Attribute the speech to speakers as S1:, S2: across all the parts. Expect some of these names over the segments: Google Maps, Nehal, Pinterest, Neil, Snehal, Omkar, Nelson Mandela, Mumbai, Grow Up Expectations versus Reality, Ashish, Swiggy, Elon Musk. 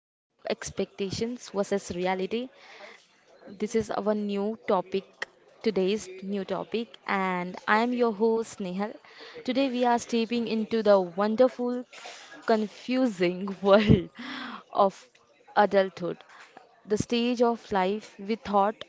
S1: Grow Up Expectations versus Reality. This is our new topic, today's new topic, and I am your host Nehal. Today we are stepping into the wonderful, confusing world of adulthood. The stage of life we thought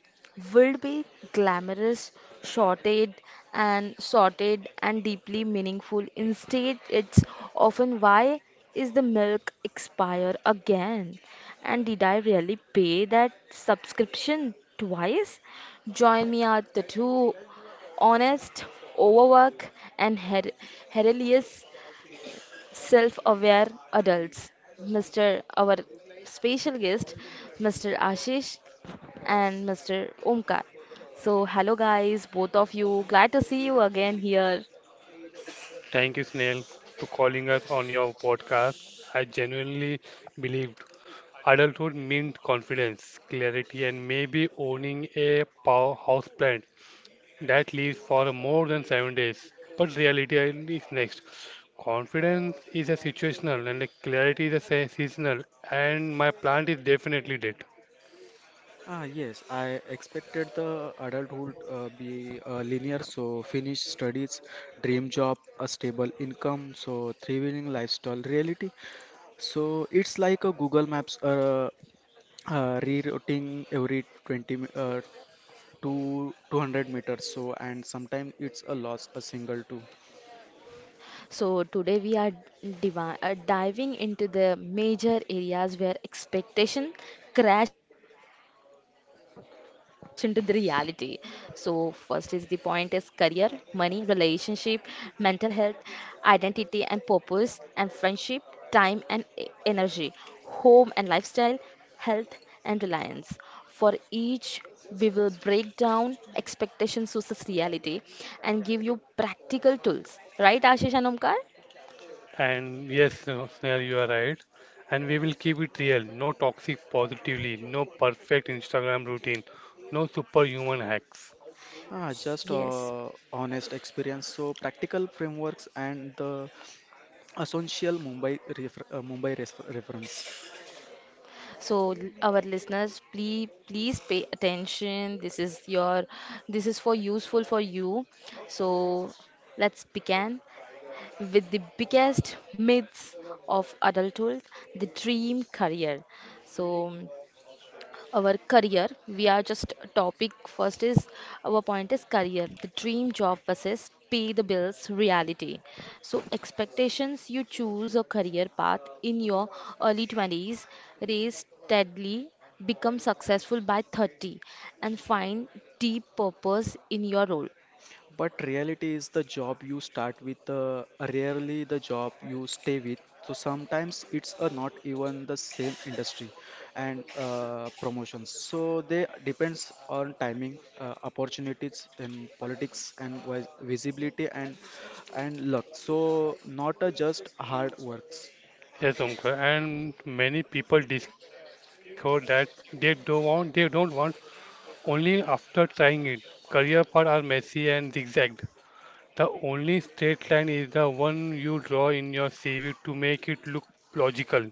S1: would be glamorous, shorted and sorted and deeply meaningful. Instead, it's often, why is the milk expire again? And did I really pay that subscription twice? Join me at the two honest, overwork and hilarious self aware adults, Mr. our special guest, Mr. Ashish and Mr. Omkar. So, hello guys, both of you. Glad to see you again here.
S2: Thank you, Snail, for calling us on your podcast. I genuinely believed adulthood meant confidence, clarity, and maybe owning a powerhouse plant that lives for more than 7 days. But reality is next. Confidence is a situational, and the clarity is a seasonal, and my plant is definitely dead.
S3: Yes, I expected the adulthood be linear, so finish studies, dream job, a stable income, so thriving lifestyle reality. So it's like a Google Maps rerouting every to 200 meters. So and sometimes it's a loss, a single too.
S1: So, today we are diving into the major areas where expectation crash into the reality. So, first is the point is career, money, relationship, mental health, identity and purpose, and friendship, time and energy, home and lifestyle, health and reliance. For each, we will break down expectations versus reality and give you practical tools. Right, Ashish and Omkar?
S2: And yes, no, Snehal, you are right. And we will keep it real. No toxic positively, no perfect Instagram routine, no superhuman hacks.
S3: Just
S1: Yes.
S3: honest experience. So practical frameworks and the essential Mumbai res reference.
S1: So, our listeners, please pay attention. This is for useful for you. So, let's begin with the biggest myths of adulthood, the dream career. So, our career. We are just a topic. First is our point is career, the dream job versus pay the bills reality. So expectations, you choose a career path in your early 20s, raise steadily, become successful by 30 and find deep purpose in your role.
S3: But reality is the job you start with, rarely the job you stay with. So sometimes it's not even the same industry and promotions. So they depends on timing, opportunities, then politics and visibility and luck. So not just hard works.
S2: Yes, Omkar. And many people discover that they don't want only after trying it. Career paths are messy and zigzagged. The only straight line is the one you draw in your CV to make it look logical.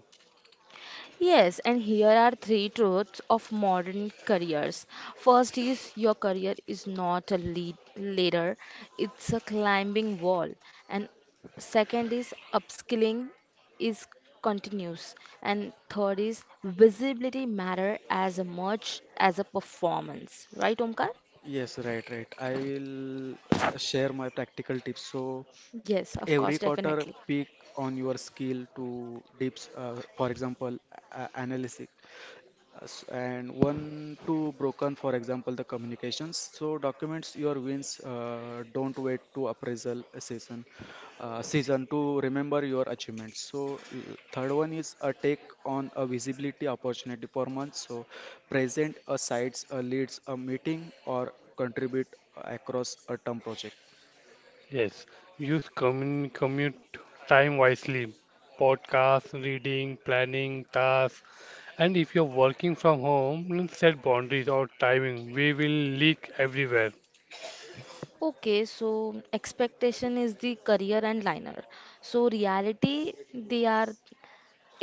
S1: Yes, and here are three truths of modern careers. First is your career is not a lead ladder, it's a climbing wall. And second is upskilling is continuous. And third is visibility matter as much as a performance. Right, Omkar?
S3: Yes, right. I will share my practical tips. So
S1: Yes, of course,
S3: every quarter
S1: definitely.
S3: peak on your skill to dips for example analysis and one to broken for example the communications so documents your wins don't wait to appraisal season to remember your achievements so third one is a take on a visibility opportunity for months. So present a sites a leads a meeting or contribute across a term project.
S2: Yes, use commun commute time wisely. Podcasts, reading, planning, tasks. And if you're working from home, then set boundaries or timing. We will leak everywhere.
S1: Okay, so expectation is the career and liner. So reality, they are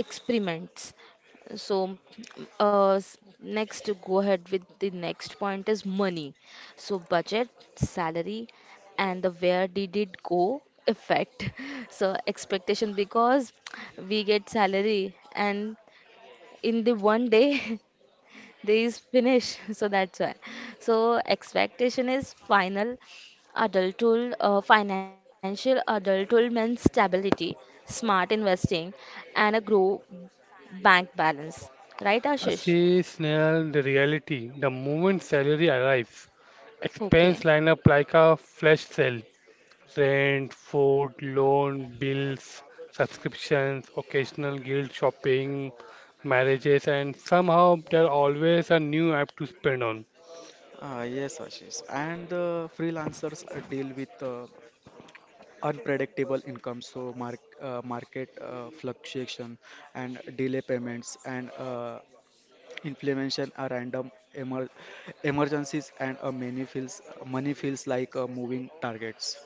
S1: experiments. So, next to go ahead with the next point is money. So, budget, salary, and the where did it go effect. So, expectation, because we get salary and in the one day These finish, so that's why. So expectation is financial adulthood means stability, smart investing, and a grow bank balance. Right, Ashish?
S2: See, Snell, the reality. The moment salary arrives, expense
S1: Okay.
S2: line up like a flash sale. Rent, food, loan, bills, subscriptions, occasional guilt shopping, marriages, and somehow there always a new app to spend on.
S3: Yes, Ashish. And the freelancers deal with unpredictable income, so market fluctuation and delay payments and inflammation are random emer emergencies and many feels money feels like moving targets.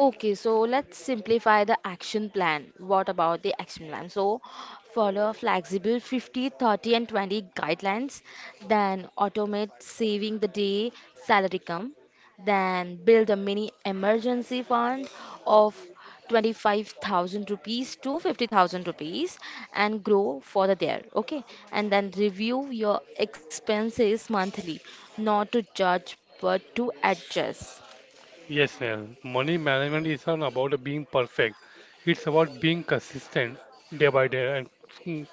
S1: Okay, so let's simplify the action plan. What about the action plan? So, follow flexible 50, 30, and 20 guidelines, then automate saving the day salary come, then build a mini emergency fund of 25,000 rupees to 50,000 rupees and grow further there. Okay, and then review your expenses monthly, not to judge but to adjust.
S2: Yes, Neil. Money management is not about being perfect. It's about being consistent day by day and mm,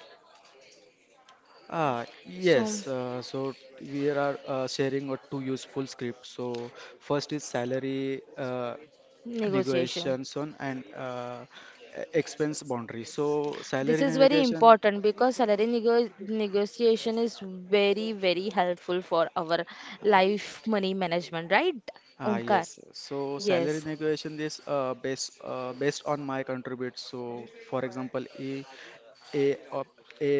S1: So,
S3: Yes. So we are sharing two useful scripts. So first is salary.
S1: negotiation.
S3: Negotiations on and expense boundary. So
S1: This
S3: salary
S1: is very
S3: negotiation,
S1: important because salary negotiation is very, very helpful for our life money management, right? Omkar?
S3: yes. So salary
S1: Yes.
S3: negotiation is based on my contribute. So for example, A of A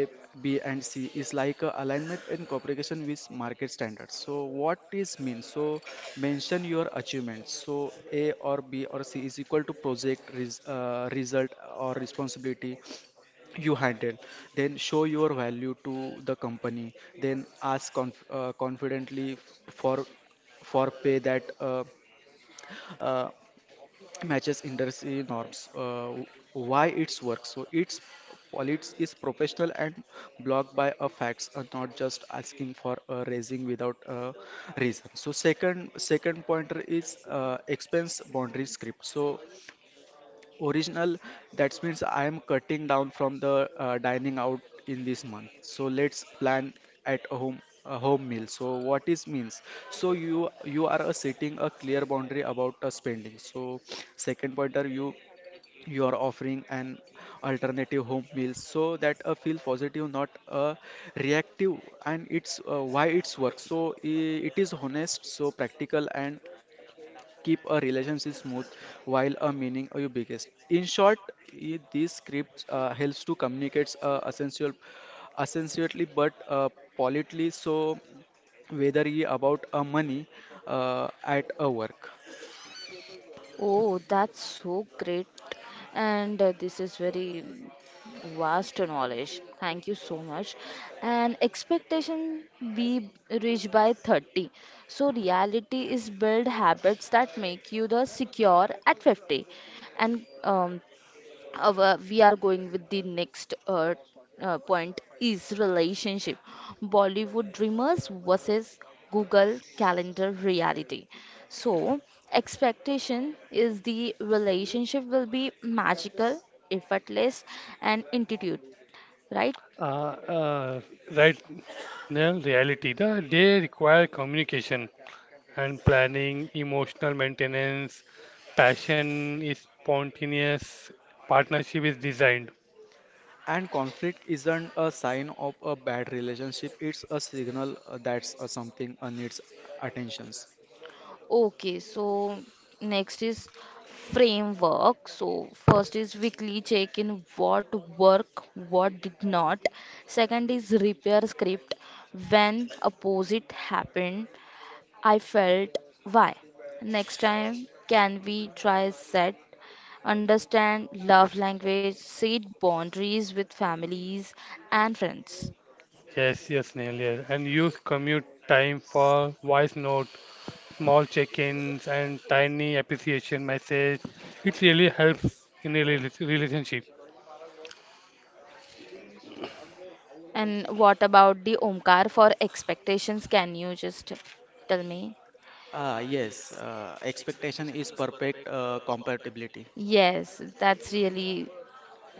S3: B and C is like a alignment and cooperation with market standards. So what is mean? So mention your achievements. So A or B or C is equal to project result or responsibility. You handle, then show your value to the company, then ask confidently for pay that uh, matches industry norms why it's work. So it's politics is professional and blocked by a facts, not just asking for a raising without a reason. So second pointer is expense boundary script. So original, that means I am cutting down from the dining out in this month. So let's plan at a home meal. So what is means? So you are setting a clear boundary about spending. So second pointer, you are offering an alternative home meal so that feel positive, not reactive. And it's why it's work. So it is honest, so practical, and keep a relationship smooth while a meaning are your biggest. In short, these scripts helps to communicate essentially but politely. So whether you about a money at a work.
S1: Oh, that's so great. And this is very vast knowledge. Thank you so much. And expectation we reach by 30. So reality is build habits that make you the secure at 50. And our we are going with the next point is relationship, Bollywood dreamers versus Google calendar reality. So expectation is the relationship will be magical, effortless, and intuitive, right?
S2: uh, uh, right, Neil, reality. The day require communication and planning, emotional maintenance. Passion is spontaneous, partnership is designed.
S3: And conflict isn't a sign of a bad relationship. It's a signal that's something needs attentions.
S1: Okay, so next is framework. So first is weekly check in, what work, what did not. Second is repair script. When opposite happened, I felt why. Next time, can we try set? Understand love language, set boundaries with families and friends.
S2: Yes, yes, Neil. Yes. And use commute time for voice note, small check-ins, and tiny appreciation message. It really helps in a relationship.
S1: And what about the Omkar for expectations? Can you just tell me?
S3: Yes, Expectation is perfect compatibility.
S1: Yes, that's really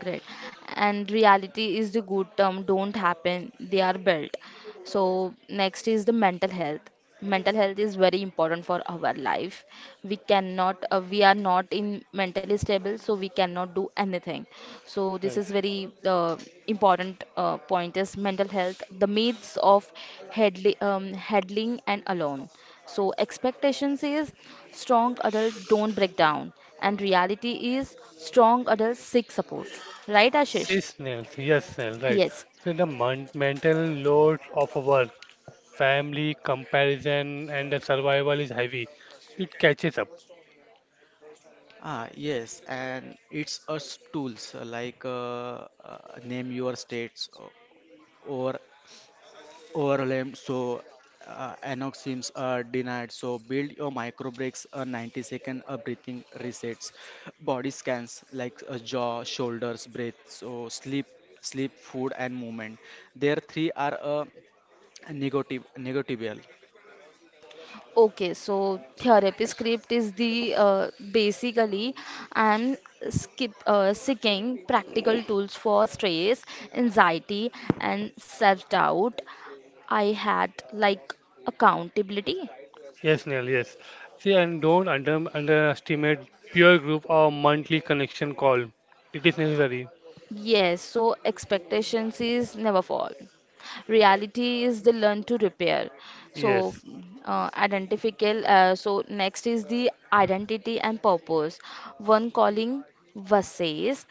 S1: great. And reality is the good term, don't happen, they are built. So next is the mental health. Mental health is very important for our life. We are not in mentally stable, so we cannot do anything. So
S2: Uh,
S1: this is very important point is mental health. The myths of headling and alone. So expectations is strong adult don't break down, and reality is strong adult seek support. Right, Ashish?
S2: Seasonal, yes, sir, right.
S1: Yes.
S2: So the mental load of a work, family, comparison, and the survival is heavy. It catches up.
S3: Yes, and it's us tools like name your states or overlay so anoxims are denied. So build your micro breaks, a 90 second breathing resets, body scans like jaw, shoulders, breath. So sleep, food, and movement. There three are negotiable.
S1: Okay, so therapy script is the basically I'm skip seeking practical tools for stress, anxiety, and self-doubt. I had like accountability.
S2: Yes, Neil, yes. See, and don't underestimate peer group or monthly connection call. It is necessary.
S1: Yes, so expectations is never fall. Reality is the learn to repair. So
S2: Yes.
S1: identifical. So next is the identity and purpose. One calling versus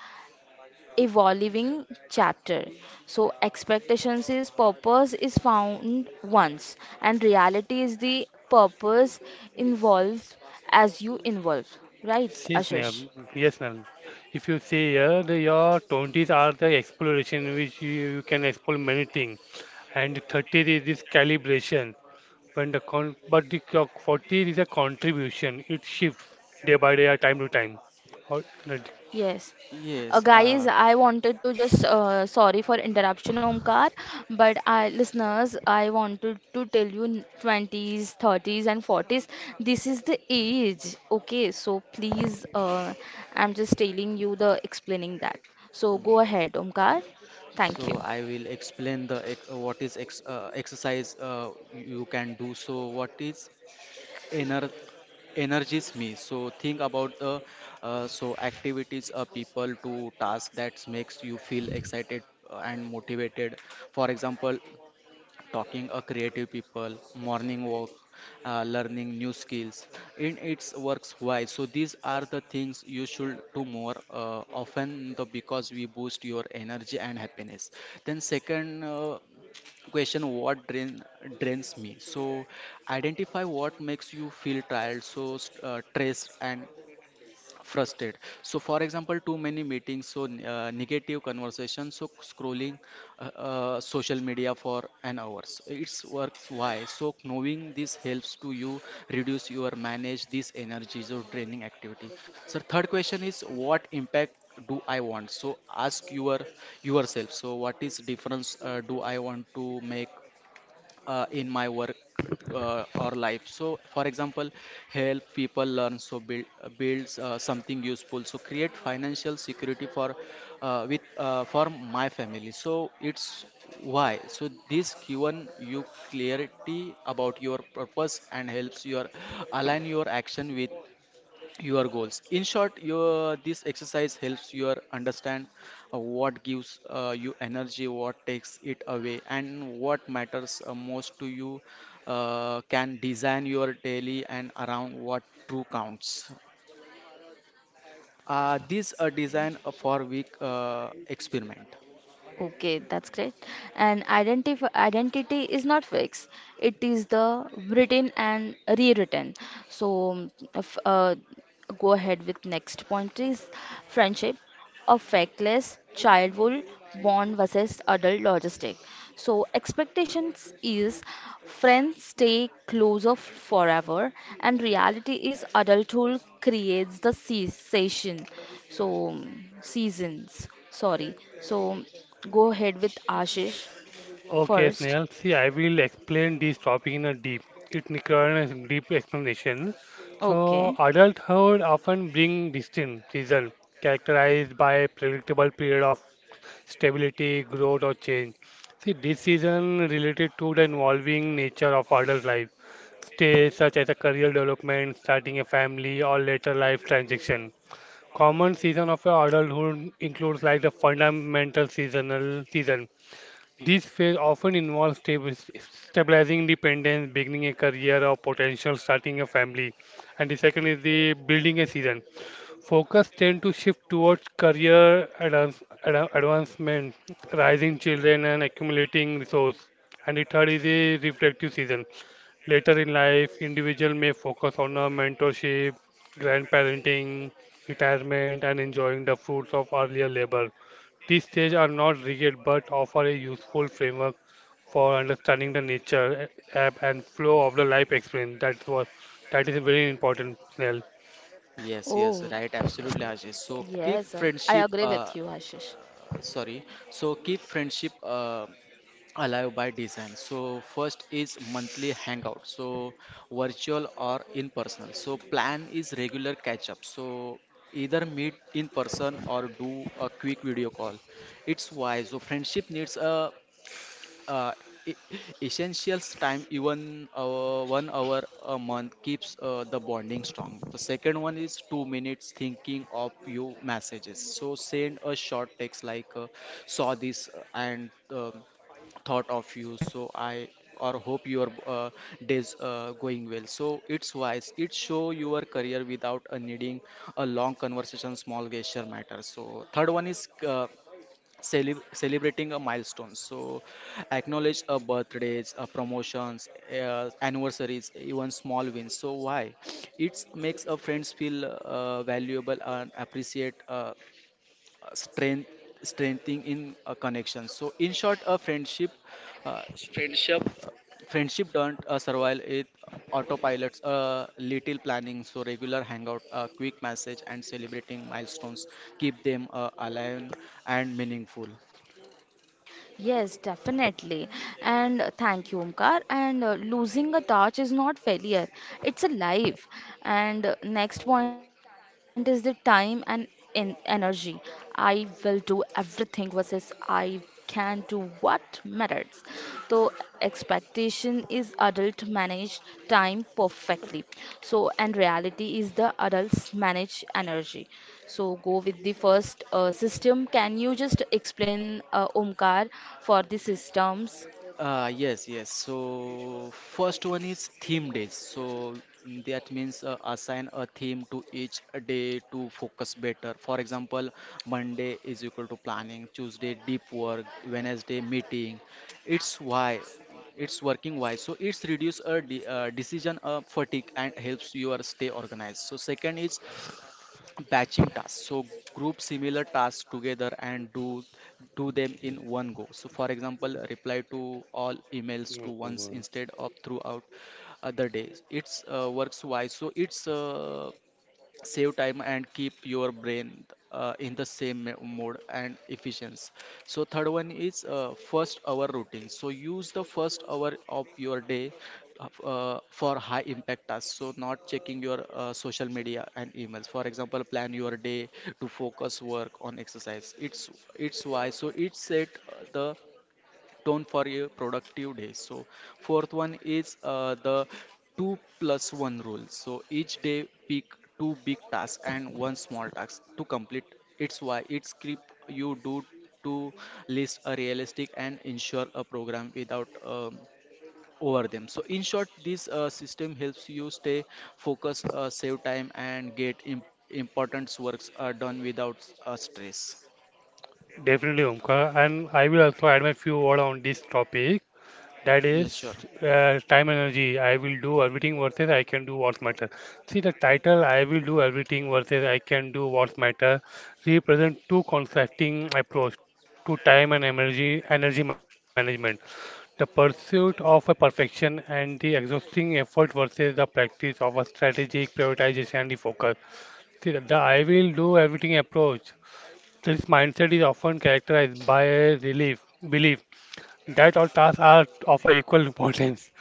S1: evolving chapter. So, expectations is purpose is found once, and reality is the purpose involved as you involve. Right,
S2: Yes, Neil.
S1: Ashish?
S2: Yes, Neil. If you see here, your 20s are the exploration which you can explore many things, and 30s is this calibration. When the con but the co- 40 is a contribution. It shifts day by day, or time to time. Or- not-
S1: Yes.
S3: Yes.
S1: Guys, I wanted to just sorry for interruption, Omkar, but I listeners, I wanted to tell you 20s, 30s, and 40s. This is the age, okay? So please, I'm just telling you the explaining that. So go ahead, Omkar. Thank you.
S3: So I will explain the exercise you can do. So what is ener- energies me? So think about the activities people to task that makes you feel excited and motivated. For example, talking a creative people, morning walk, learning new skills in its works why. So these are the things you should do more often the, because we boost your energy and happiness. Then second question, what drains me? So identify what makes you feel tired, so stressed and frustrated. So for example, too many meetings, so negative conversation, so scrolling social media for an hours. It's works why. So knowing this helps to you reduce your manage this energy or draining activity. So third question is, what impact do I want? So ask your yourself, so what is difference do I want to make in my work or life? So for example, help people learn, so build builds something useful, so create financial security for with for my family. So it's why. So this given you clarity about your purpose and helps your align your action with your goals. In short, your this exercise helps you understand what gives you energy, what takes it away, and what matters most to you. Can design your daily and around what true counts. This a design for week experiment.
S1: Okay, that's great. And identif identity is not fixed. It is the written and rewritten. So, if, go ahead with next point is friendship, a factless childhood bond versus adult logistic. So, expectations is friends stay closer forever, and reality is adulthood creates the cessation. So, seasons. Sorry. So, go ahead with Ashish
S2: Okay,
S1: first.
S2: Snail. See, I will explain this topic in a deep. It requires a deep explanation. So,
S1: Okay.
S2: adulthood often bring distinct season characterized by a predictable period of stability, growth, or change. See, this season related to the involving nature of adult life, stages such as a career development, starting a family, or later life transition. Common season of your adulthood includes like the fundamental seasonal season. This phase often involves stabilizing dependence, beginning a career or potential starting a family. And the second is the building a season. Focus tend to shift towards career advancement, rising children and accumulating resource. And the third is the reflective season. Later in life, individual may focus on a mentorship, grandparenting, retirement, and enjoying the fruits of earlier labor. These stages are not rigid but offer a useful framework for understanding the nature, ebb, and flow of the life experience. That is very important, Snell.
S3: Yes, yes,
S1: Oh,
S3: right, absolutely, Ajay. So keep
S1: yes, I
S3: friendship
S1: agree with you, Ashish.
S3: sorry, so keep friendship alive by design. So first is monthly hangout, so virtual or in personal. So plan is regular catch up, so either meet in person or do a quick video call. It's why. So friendship needs a uh, e- essentials time, even 1 hour a month, keeps the bonding strong. The second one is 2 minutes thinking of you messages. So send a short text like saw this and thought of you. So I or hope your days going well. So it's wise it show your career without needing a long conversation. Small gesture matters. So third one is celebrating a milestone. So acknowledge a birthdays, a promotions, anniversaries, even small wins. So why? It makes a friends feel valuable and appreciate, strength strengthening in a connection. So in short, a uh, friendship friendship don't survive it autopilots a little planning. So regular hangout, a quick message, and celebrating milestones keep them alive and meaningful.
S1: Yes, definitely. And thank you, Omkar. And losing a touch is not failure, it's a life. And next point is the time and en energy. I will do everything versus I can do what matters. Standards. So expectation is adult manage time perfectly. So and reality is the adults manage energy. So go with the first system. Can you just explain Omkar for the systems?
S3: Yes, yes. So first one is theme days. So that means assign a theme to each day to focus better. For example, Monday is equal to planning, Tuesday deep work, Wednesday meeting. It's why it's working why. So it's reduce a de decision fatigue and helps your stay organized. So second is batching tasks. So group similar tasks together and do them in one go. So for example, reply to all emails to
S2: Oh,
S3: once instead of throughout other days. It's works wise. So it's save time and keep your brain in the same mode and efficiency. So third one is first hour routine. So use the first hour of your day for high impact tasks, so not checking your social media and emails. For example, plan your day to focus work on exercise. It's why. So it set the done for a productive day. So fourth one is the two plus one rule. So each day, pick two big tasks and one small task to complete. It's why. It's keep you do to list a realistic and ensure a program without over them. So in short, this system helps you stay focused, save time, and get important works done without stress.
S2: definitely, Omkar. And I will also add my few words on this topic. That
S3: Yes, sure.
S2: is time and energy. I will do everything versus I can do what matter. See the title I will do everything versus I can do what matter represent two conflicting approach to time and energy management. The pursuit of a perfection and the exhausting effort versus the practice of a strategic prioritization and the focus. See the I will do everything approach. This mindset is often characterized by a relief belief that all tasks are of a equal importance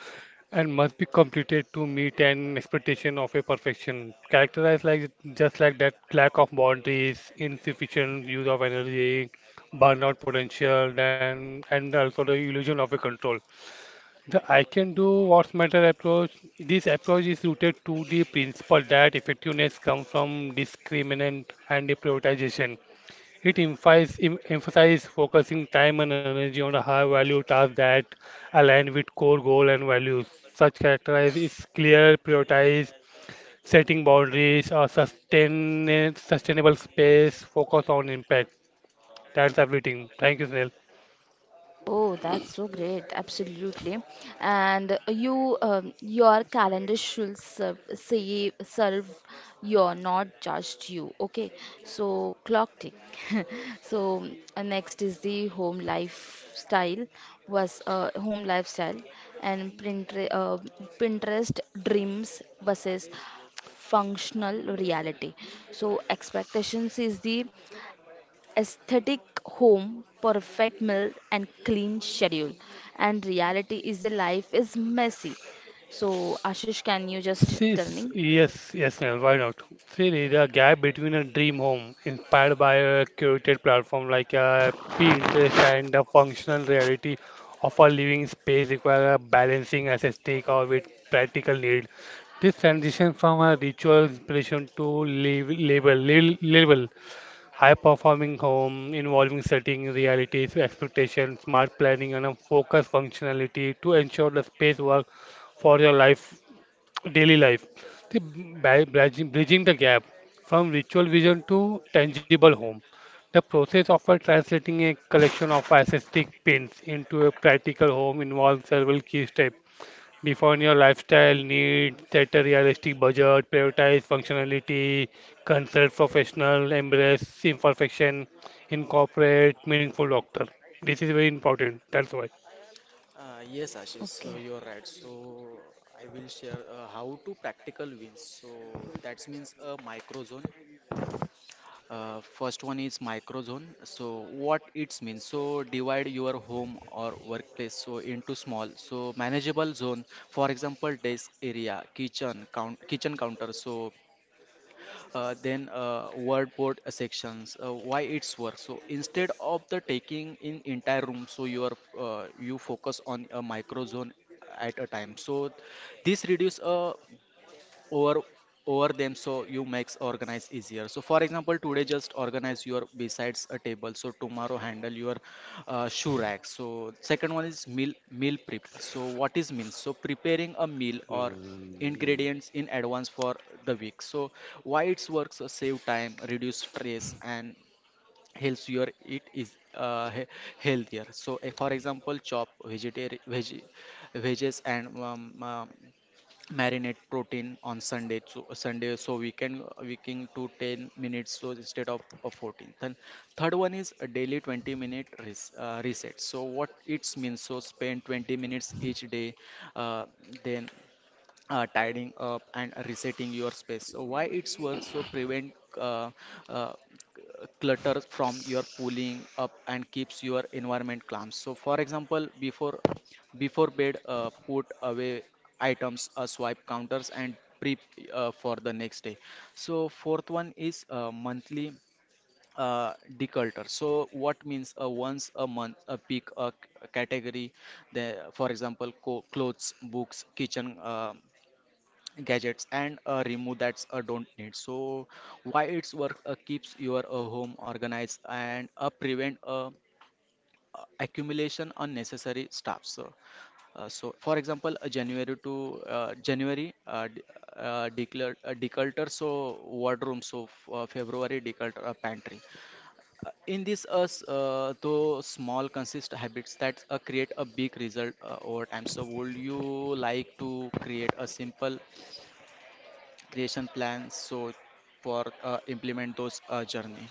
S2: and must be completed to meet an expectation of a perfection. Characterized like just like that lack of boundaries, insufficient use of energy, burnout potential, and also the illusion of a control. The I can do what's matter approach. This approach is rooted to the principle that effectiveness comes from discriminant and prioritization. It emphasizes focusing time and energy on a high-value task that align with core goal and values. Such characterize is clear, prioritize, setting boundaries, or sustainable space, focus on impact. That's everything. Thank you, Snell.
S1: Oh, that's so great. Absolutely. And you, your calendar should serve your, not just you. Okay. So, clock tick. So, next is the home lifestyle was uh, home lifestyle and Pinterest, Pinterest dreams versus functional reality. So, expectations is the aesthetic home, perfect meal, and clean schedule. And reality is the life is messy. So, Ashish, can you just
S2: See,
S1: tell me?
S2: yes, yes, Neil, why not? See, the gap between a dream home inspired by a curated platform like a Pinterest and the functional reality of a living space require a balancing aesthetic or with practical need. This transition from a ritual inspiration to label, high-performing home involving setting realities, expectations, smart planning, and a focused functionality to ensure the space work for your life daily life by bridging the gap from ritual vision to tangible home, the process of translating a collection of aesthetic pins into a practical home involves several key steps: define your lifestyle needs, set a realistic budget, prioritize functionality, consult professional, embrace imperfection, incorporate meaningful doctor. This is very important. That's why.
S3: Yes, Ashish, so
S1: Okay.
S3: you're right. So I will share how to practical wins. So that means a micro zone. First one is micro zone. So what it means? So divide your home or workplace so into small, so manageable zone. For example, desk area, kitchen counter. So then word sections. Why it's work? So instead of the taking in entire room, so you are you focus on a micro zone at a time. So this reduce over over them, so you makes organize easier. So for example, today just organize your besides a table, so tomorrow handle your shoe rack. So second one is meal prep. So what is means? So preparing a meal or ingredients in advance for the week. So why it's works? Save time, reduce stress, and helps your it is healthier. So for example, chop vegetarian veg veggies and marinate protein on sunday, so we can to 10 minutes, so instead of 14. Then third one is a daily 20 minute reset. So what it means? So spend 20 minutes each day uh, then tidying up and resetting your space. So why it's works? So prevent uh, uh, clutter from your pulling up and keeps your environment calm. So for example, before bed, put away items, swipe counters, and prep for the next day. So fourth one is monthly declutter. So what means? Once a month, pick a category, the, for example, clothes, books, kitchen. Gadgets and remove that's don't need. So why it's work, keeps your home organized and prevent accumulation unnecessary stuff. So so for example, January to January. D- declared Declutter, so wardrobe. So February, declutter pantry. In this, though small consist habits that create a big result over time. So would you like to create a simple creation plans? So for implement those journey.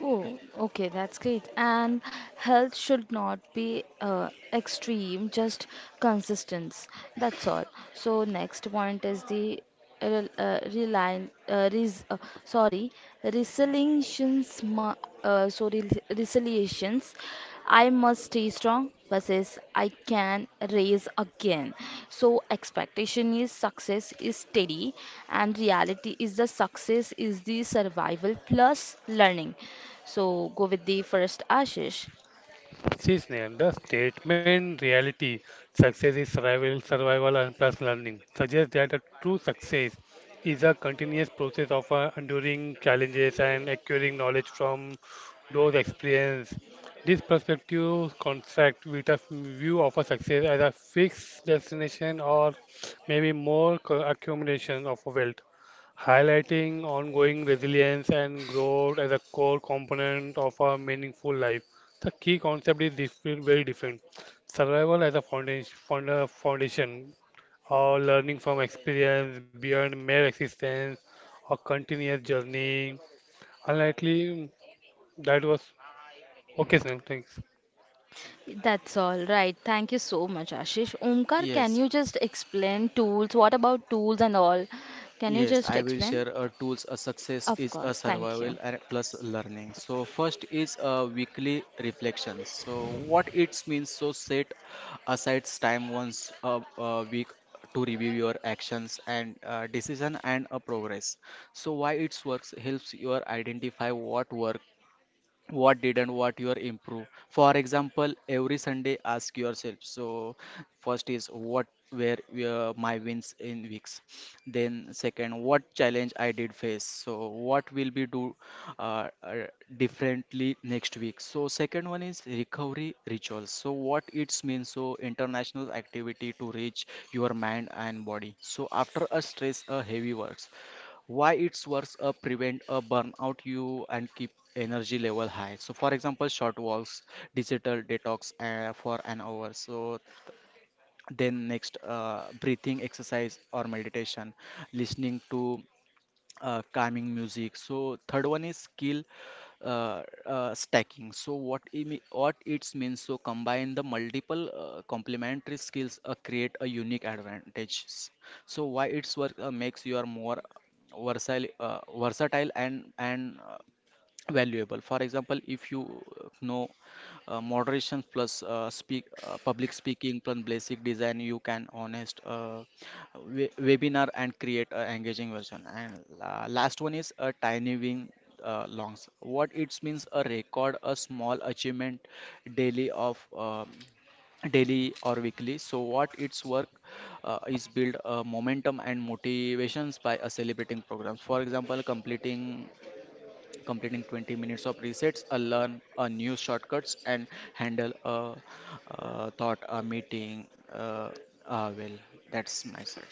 S1: Oh, okay, that's great. And health should not be extreme, just consistence. That's all. So next point is the rel- uh, reline, uh, res, uh, sorry, resilience. Uh, sorry, Resilience. I must stay strong. Versus I can raise again. So expectation is success is steady and reality is the success is the survival plus learning. So go with the first, Ashish.
S2: See, Snehal, the statement reality, success is survival and plus learning, suggests that the true success is a continuous process of enduring challenges and acquiring knowledge from those experiences. This perspective contrasts with a view of a success as a fixed destination or maybe more accumulation of wealth highlighting ongoing resilience and growth as a core component of a meaningful life. The key concept is different, very different. Survival as a foundation, foundation or learning from experience beyond mere existence or continuous journey. Unlikely, that was okay, Sam. Thanks.
S1: That's all right. Thank you so much, Ashish. Omkar, can
S3: Yes,
S1: you just explain tools? What about tools and all? Can you
S3: yes, I
S1: just
S3: will share
S1: explain?
S3: tools. A success
S1: Of
S3: is a
S1: course. Thank
S3: survival
S1: you.
S3: and plus learning. So first is a weekly reflections. So what it means, so set aside time once a week to review your actions and decision and a progress. So why it's works, helps you identify what work, what did, and what you are improve. For example, every Sunday, ask yourself. So first is what were my wins in weeks. Then second, what challenge I did face? So what will be do uh, uh, differently next week? So second one is recovery rituals. So what it means, so international activity to reach your mind and body, so after a stress a heavy works. Why it's works, prevent a burnout you and keep energy level high. So for example, short walks, digital detox for an hour. So then next, breathing exercise or meditation, listening to calming music. So third one is skill stacking. So what it means? So combine the multiple complementary skills create a unique advantage. So why its work, makes you are more versatile and valuable. For example, if you know moderation plus speak public speaking plus basic design, you can honest webinar and create an engaging version. And last one is a tiny win longs. What it means, a record a small achievement daily of um, daily or weekly. So what its work, is build momentum and motivations by celebrating programs. For example, completing 20 minutes of resets, a learn a new shortcuts, and handle a, thought a meeting. Uh, well, that's my set.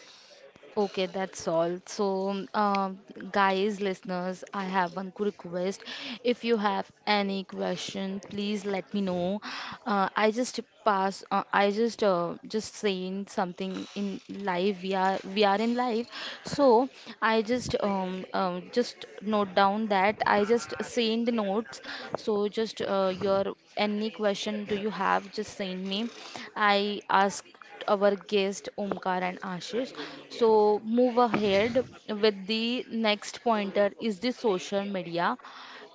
S1: Okay, that's all. So, guys, listeners, I have one quick request. If you have any question, please let me know. I just pass. I just saying something in live. We are in live. So I just note down that I just send the notes. So just your any question do you have? Just send me. I ask our guest Omkar and Ashish. So move ahead with the next pointer is the social media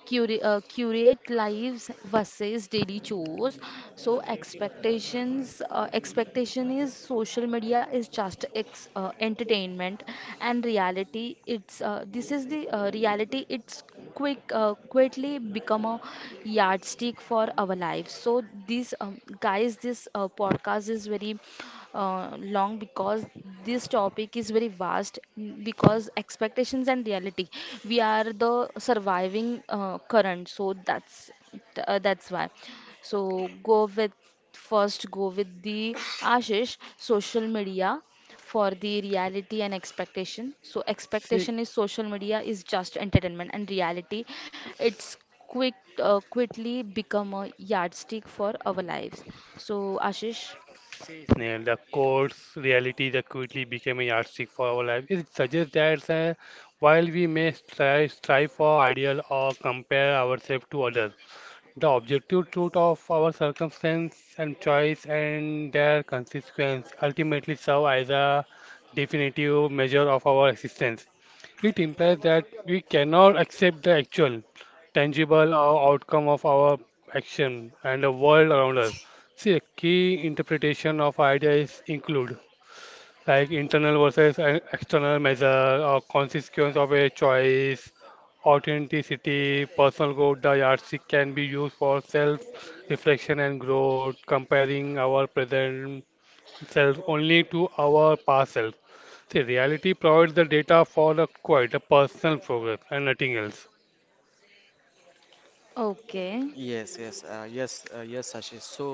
S1: curate lives versus daily chores. So expectation is social media is just entertainment, and reality it's this is the reality it's quickly become a yardstick for our lives. So this, guys, this podcast is very long because this topic is very vast because expectations and reality we are the surviving current. So that's that's why. So go with first go with the ashish social media for the reality and expectation. So
S2: See,
S1: expectation is social media is just entertainment and reality it's quick quickly become a yardstick for our lives. So, Ashish.
S2: See, Snehal, the course reality that quickly became a yardstick for our life. It suggests that while we may strive for ideal or compare ourselves to others, the objective truth of our circumstance and choice and their consequence ultimately serve as a definitive measure of our existence. It implies that we cannot accept the actual, tangible or outcome of our action and the world around us. See, a key interpretation of ideas include like internal versus external measure or consequence of a choice, authenticity, personal growth. The yardstick can be used for self-reflection and growth, comparing our present self only to our past self. See, reality provides the data for the quite the personal progress and nothing else.
S1: Okay.
S3: Yes, yes, yes, yes, Ashish. So,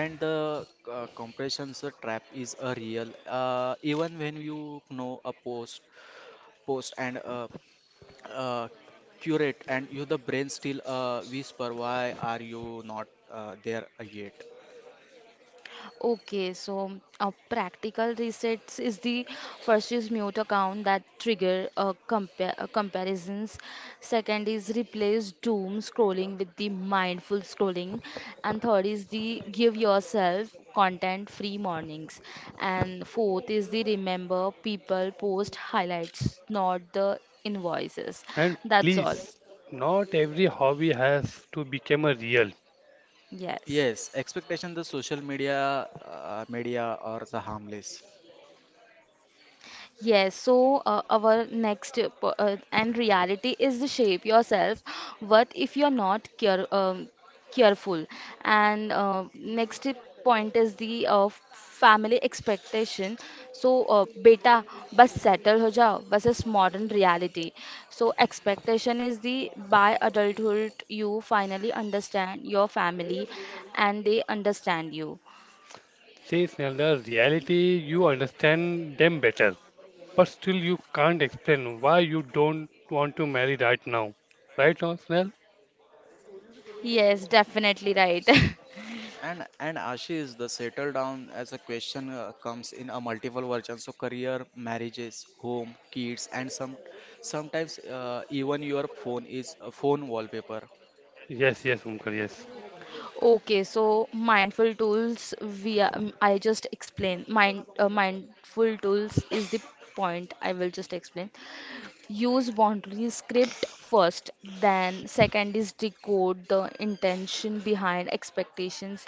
S3: and the compressions trap is a real. Even when you know a post and uh, curate, and you the brain still whisper, why are you not there yet?
S1: Okay, so practical resets is the first is mute account that trigger comparisons. Second is replace doom scrolling with the mindful scrolling, and third is the give yourself content free mornings, and fourth is the remember people post highlights, not the invoices.
S2: And
S1: That's all.
S2: please, not every hobby has to become a real.
S1: Yes.
S3: Yes, expectation the social media or the harmless.
S1: Yes, so our next and reality is the shape yourself. What if you're not careful? And next point is the family expectation. So, beta, bas settle ho jao versus modern reality. So, expectation is the by adulthood you finally understand your family and they understand you.
S2: Says another reality, you understand them better. But still, you can't explain why you don't want to marry right now. Right now, Snell?
S1: Yes, definitely right.
S3: And Ashish, the settle down as a question comes in a multiple version. So career, marriages, home, kids, and sometimes even your phone is a phone wallpaper.
S2: Yes, yes, Omkar, yes.
S1: Okay, so mindful tools, we I just explain mindful tools is the point I will just explain. Use boundary script first, then second is decode the intention behind expectations.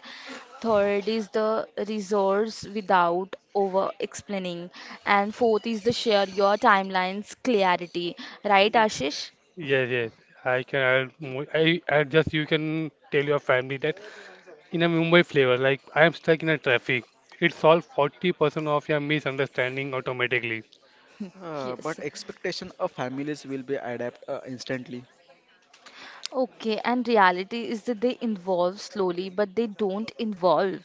S1: Third is the resource without over explaining, and fourth is the share your timelines clarity. Right, Ashish?
S2: Yes, yes. I can add more. I just you can tell your family that in a Mumbai flavor, like I am stuck in a traffic. It solves 40% of your misunderstanding automatically.
S1: Yes.
S3: But expectation of families will be adapt instantly.
S1: Okay, and reality is that they involve slowly, but they don't involve.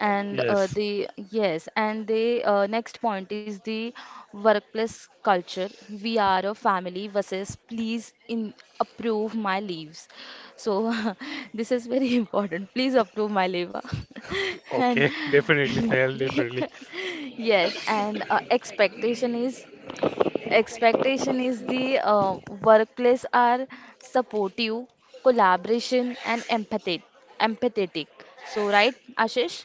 S1: And
S2: Yes.
S1: the yes, and the next point is the workplace culture. We are a family versus please in approve my leaves. So this is very important. Please approve my leave. Ah. And
S2: Okay. Definitely, Snell, definitely.
S1: yes, and Expectation is the workplace are supportive, collaboration, and empathetic. Empathetic. So, right, Ashish?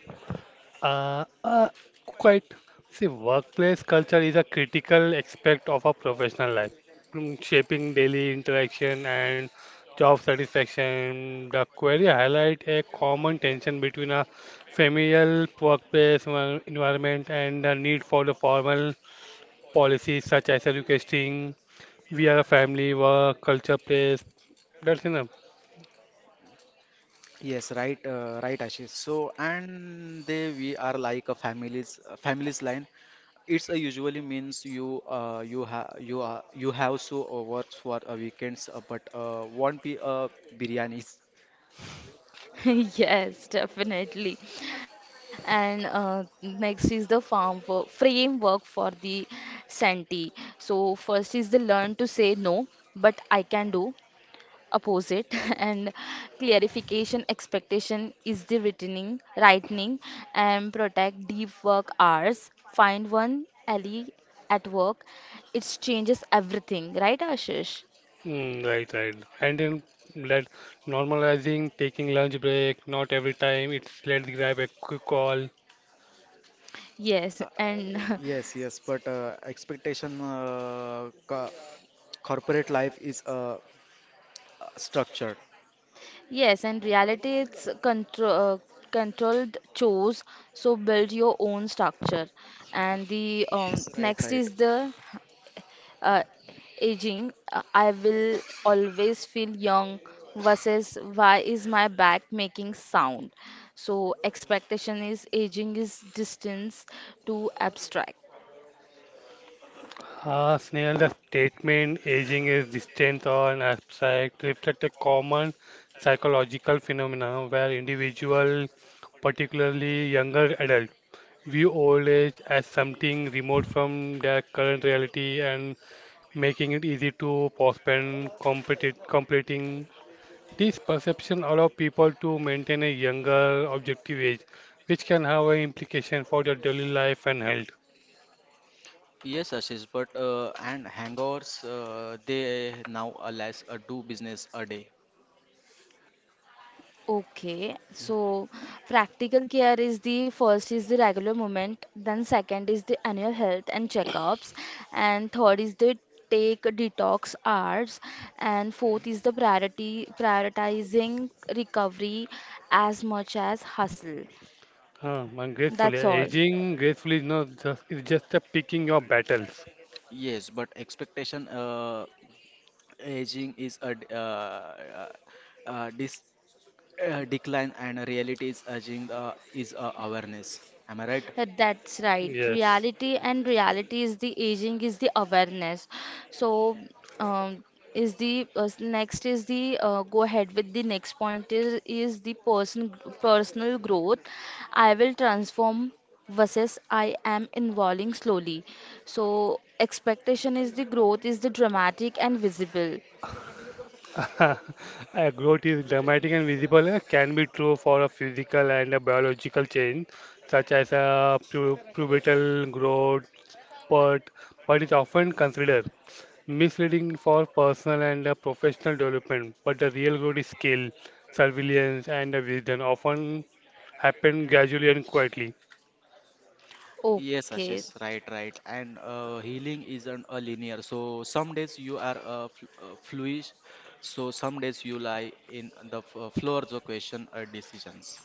S2: Uh, uh, Quite. See, workplace culture is a critical aspect of a professional life, shaping daily interaction and job satisfaction. The query highlight a common tension between a familial workplace environment and the need for the formal policies such as educating. We are a family, work, culture, place. That's enough.
S3: Yes, right, right, Ashish. So, and they we are like a families line. It's a usually means you have so works for a weekends, but won't be a biryanis.
S1: Yes, definitely. And next is the framework for the Santee. So, first is the learn to say no, but I can do. Opposite. And clarification expectation is the returning lightning and protect deep work hours, find one ally at work. It changes everything, right, Ashish?
S2: Mm, right, right. And then that normalizing taking lunch break, not every time it's let's grab a quick call.
S1: Yes
S3: Uh,
S1: and
S3: yes, yes, but expectation co corporate life is structured.
S1: yes, and reality it's controlled chores, so build your own structure. And the
S3: Yes, right,
S1: next
S3: right.
S1: is the uh, aging. I will always feel young versus why is my back making sound? So expectation is aging is distance to abstract.
S2: Ah, Snail, the statement aging is distant or an abstract reflect a common psychological phenomenon where individual, particularly younger adult, view old age as something remote from their current reality and making it easy to postpone completing. This perception allows people to maintain a younger objective age, which can have an implication for their daily life and health.
S3: Yes, Ashish, but and hangovers they now alas do business a day.
S1: Okay, so practical care is the first is the regular movement, then second is the annual health and checkups, and third is the take detox hours, and fourth is the priority prioritizing recovery as much as hustle.
S2: And gracefully,
S1: That's all.
S2: aging gracefully is not just, is just a picking your battles.
S3: Yes, but expectation, aging is a d- dis decline, and reality is urging is awareness. Am I right?
S1: That's right.
S2: Yes.
S1: Reality and reality is the aging is the awareness. So, um, is the next is the go ahead with the next point is the personal growth. I will transform versus I am evolving slowly. So, expectation is the growth is the dramatic and visible.
S2: A growth is dramatic and visible and can be true for a physical and a biological change, such as a pubertal growth, but, but is often considered misleading for personal and professional development, but the real growth is skill, surveillance, and the wisdom often happen gradually and quietly.
S3: Yes,
S1: Okay,
S3: Ashish, right, right. And healing isn't a linear. So some days you are fl fluid, so some days you lie in the f floors of question or decisions.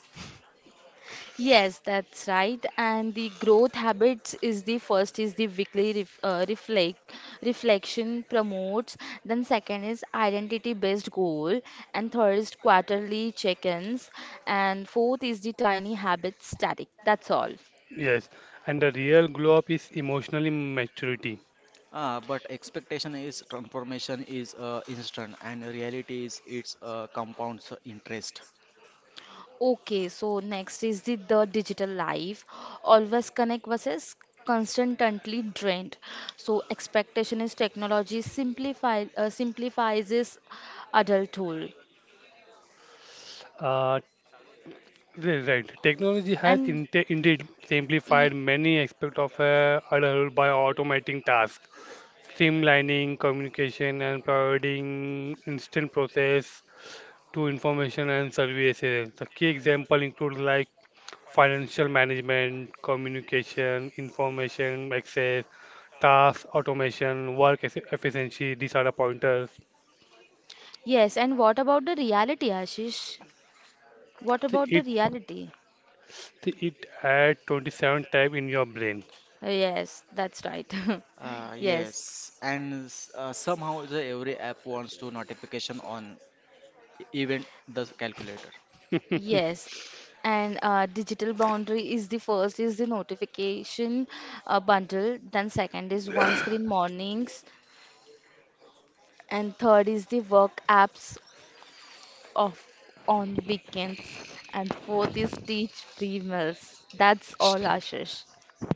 S1: yes, that's right. And the growth habits is the first is the weekly reflection promotes. Then second is identity based goal, and third is quarterly check-ins, and fourth is the tiny habit static. That's all.
S2: Yes, and the real glow up is emotionally maturity.
S3: Ah, but expectation is transformation is instant, and reality is it's compounds interest.
S1: Okay, so next is the digital life. Always connect versus constantly drained. So expectation is technology simplify simplifies adulthood.
S2: Uh, right, technology has
S1: And
S2: indeed
S1: Y-
S2: simplified many aspects of adulthood by automating tasks, streamlining communication, and providing instant process to information and services. The key example includes like financial management, communication, information access, task automation, work efficiency. These are the pointers.
S1: yes, and what about the reality, Ashish? What
S2: See,
S1: about the
S2: It
S1: reality?
S2: it had 27 tab in your brain.
S1: Yes, that's right. Yes,
S3: Yes, and somehow the every app wants to notification on event the calculator.
S1: yes. And digital boundary is the first is the notification bundle, then second is one screen mornings, and third is the work apps off on weekends, and fourth is teach free meals. That's all, Ashish.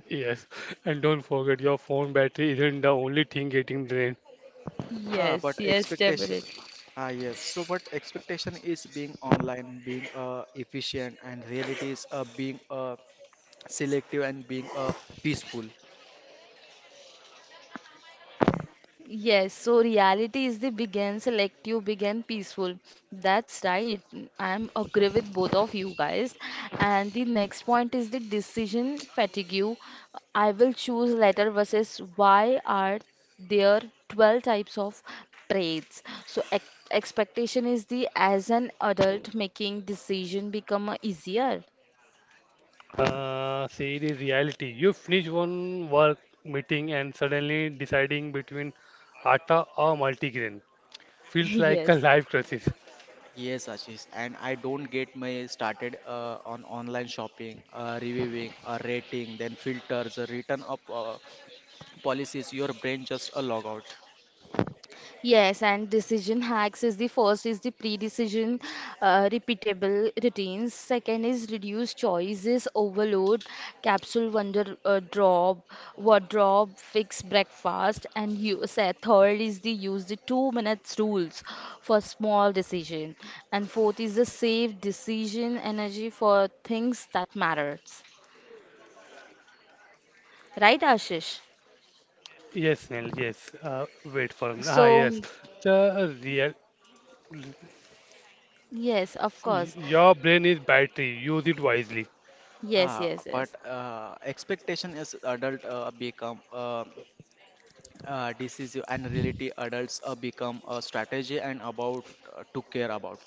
S2: Yes, and don't forget your phone battery isn't the only thing getting drained.
S3: Ah, but
S1: Yes, yes,
S3: expectation.
S1: definitely.
S3: Ah, yes. So, but expectation is being online, being efficient, and reality is being selective and being peaceful.
S1: Yes, so reality is the begin selective, begin peaceful. That's right. I'm agree with both of you guys. And the next point is the decision fatigue. I will choose letter versus why are there 12 types of traits? So ex expectation is the as an adult making decision become easier.
S2: See the reality. You finish one work meeting and suddenly deciding between atta or multigrain feels like a
S1: Yes.
S2: life crisis.
S3: Yes, Ashish, and I don't get my started on online shopping, reviewing, rating, then filters, return up policies. Your brain just a log out.
S1: Yes, and decision hacks is the first is the pre-decision repeatable routines. Second is reduce choices overload, capsule wonder drop, wardrobe fix breakfast, and you say third is the use the 2 minute rules for small decision, and fourth is the save decision energy for things that matters. Right, Ashish?
S2: Yes, Neil. Yes. Wait for a minute. Ah,
S1: So
S2: yes. The real,
S1: yes, of course.
S2: your brain is battery. Use it wisely.
S1: Yes,
S3: Ah,
S1: yes,
S3: but
S1: yes.
S3: expectation is adult become. This is an reality adults become a strategy and about to care about.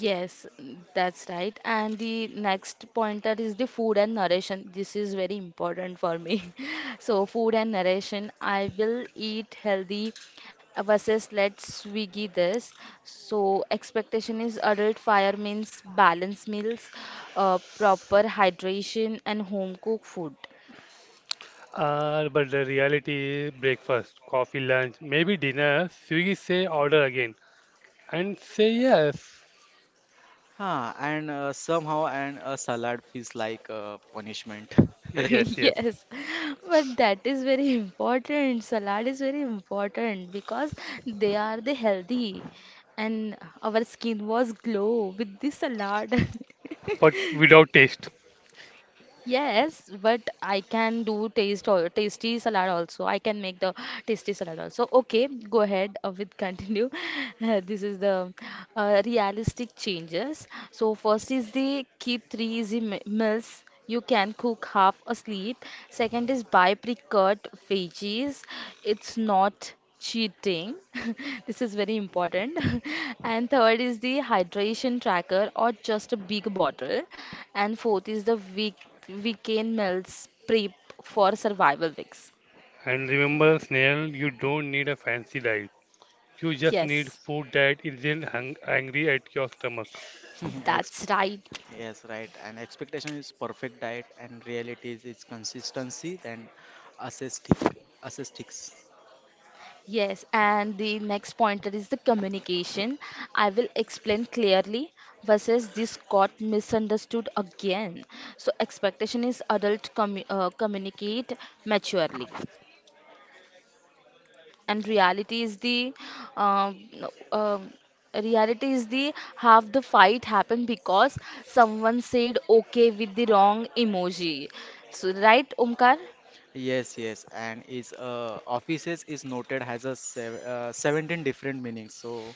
S1: Yes, mm, that's right. And the next pointer is the food and narration. This is very important for me. So, food and narration. I will eat healthy versus let's Swiggy this. So, expectation is adult fire means balanced meals, proper hydration, and home cooked food.
S2: But the reality is breakfast, coffee, lunch, maybe dinner. Swiggy say order again and say yes.
S3: Huh, and somehow and a salad feels like punishment.
S2: Yes, yes.
S1: Yes, but that is very important. Salad is very important because they are the healthy and our skin was glow with this salad.
S2: But without taste.
S1: Yes, but I can do taste or tasty salad also. I can make the tasty salad also. Okay, go ahead with continue. This is the realistic changes. So first is the keep three easy meals. You can cook half asleep. Second is buy pre-cut veggies. It's not cheating. This is very important. And third is the hydration tracker or just a big bottle. And fourth is the weekend meals prep for survival weeks.
S2: And remember, Snail, you don't need a fancy diet. You just need
S1: Yes,
S2: food that isn't hung angry at your stomach.
S3: Ex
S1: that's right.
S3: Yes, right. And expectation is perfect diet, and reality is its consistency and assistic assistics.
S1: Yes, and the next pointer is the communication. I will explain clearly versus this got misunderstood again. So expectation is adult communicate maturely. And reality is the no, reality is the half the fight happened because someone said okay with the wrong emoji, so right, Omkar?
S3: Yes, yes, and is offices is noted has a sev 17 different meanings. So,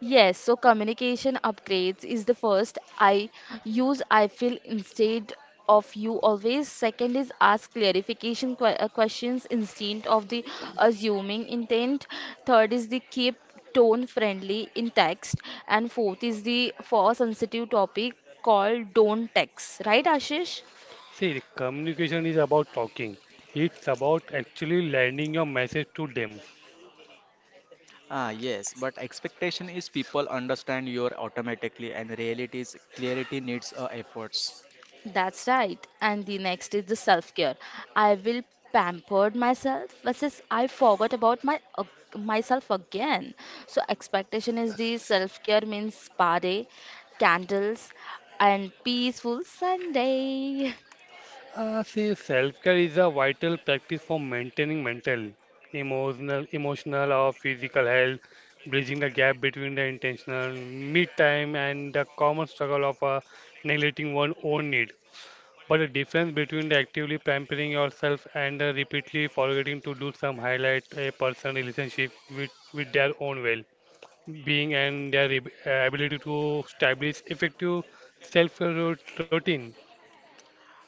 S1: Yes, so communication upgrades is the first. I use I feel instead of you always. Second is ask clarification questions instead of the assuming intent. Third is the keep tone friendly in text. And fourth is the for sensitive topic called don't text. Right, Ashish?
S2: See, the communication is about talking. It's about actually landing your message to them.
S3: ah, yes, but expectation is people understand you automatically, and reality is clarity needs efforts.
S1: That's right. And the next is the self care. I will pampered myself versus I forgot about my myself again. So expectation is the self care means spa day, candles, and peaceful Sunday.
S2: See, self-care is a vital practice for maintaining mental, emotional or physical health, bridging the gap between the intentional mid-time and the common struggle of neglecting one's own need. But the difference between the actively pampering yourself and repeatedly forgetting to do some highlight a person's relationship with their own well. Being and their ability to establish effective self-care routine,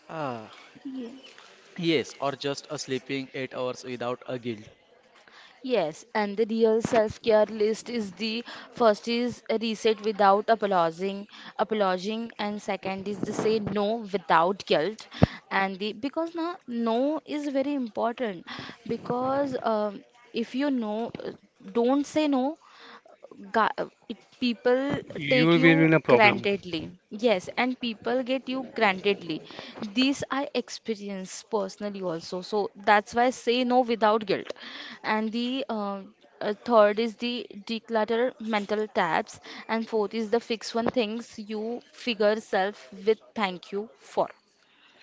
S3: Ah, yes, or just a sleeping 8 hours without a guilt.
S1: Yes, and the real self-care list is the first is a reset without apologizing, and second is to say no without guilt, and the because now no is very important because if you know, don't say no people
S2: you
S1: take
S2: will be
S1: you
S2: in a problem.
S1: grantedly. Yes, and people get you grantedly. This I experience personally also. So that's why I say no without guilt. And the third is the declutter mental tabs, and fourth is the fix one things you figure self with thank you for.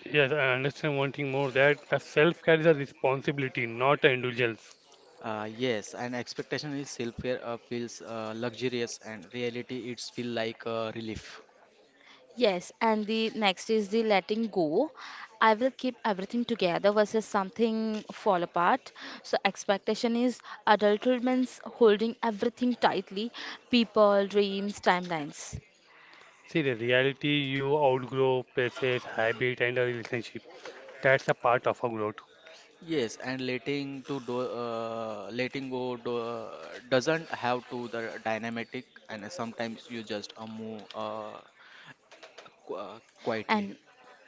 S2: Yes, I understand one thing more that the self-care is a responsibility, not an indulgence.
S3: Ah, yes, and expectation is self-care feels luxurious, and reality it's feel like relief.
S1: Yes, and the next is the letting go. I will keep everything together versus something fall apart. So expectation is adulthood means holding everything tightly, people, dreams, timelines.
S2: See, the reality you outgrow places, habit, and a relationship. That's a part of a growth.
S3: Yes, and letting go do, doesn't have to the dynamic, and sometimes you just move
S1: And
S3: quietly.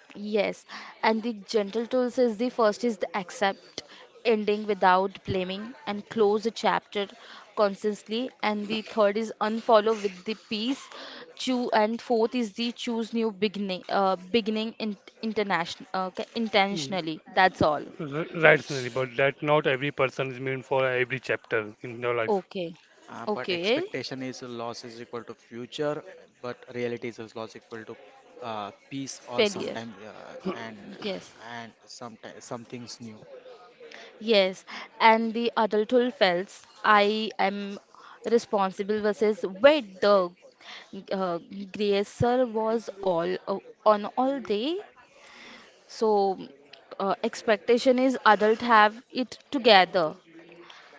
S1: yes, and the gentle tools is the first is the accept, ending without blaming, and close a chapter consciously. And the third is unfollow with the peace. Choo and fourth is the choose new beginning international, okay,
S2: Mm,
S1: intentionally. That's all.
S2: Right, Sonali, but that not every person is meant for every chapter in their life.
S1: Okay,
S3: But
S1: okay,
S3: expectation is loss is equal to future, but reality is loss equal to peace, or
S1: failure.
S3: sometimes and
S1: Yes.
S3: sometimes something's new.
S1: Yes, and the adulthood felt I am responsible versus wait the uh, gracer was all on all day. So expectation is adult have it together.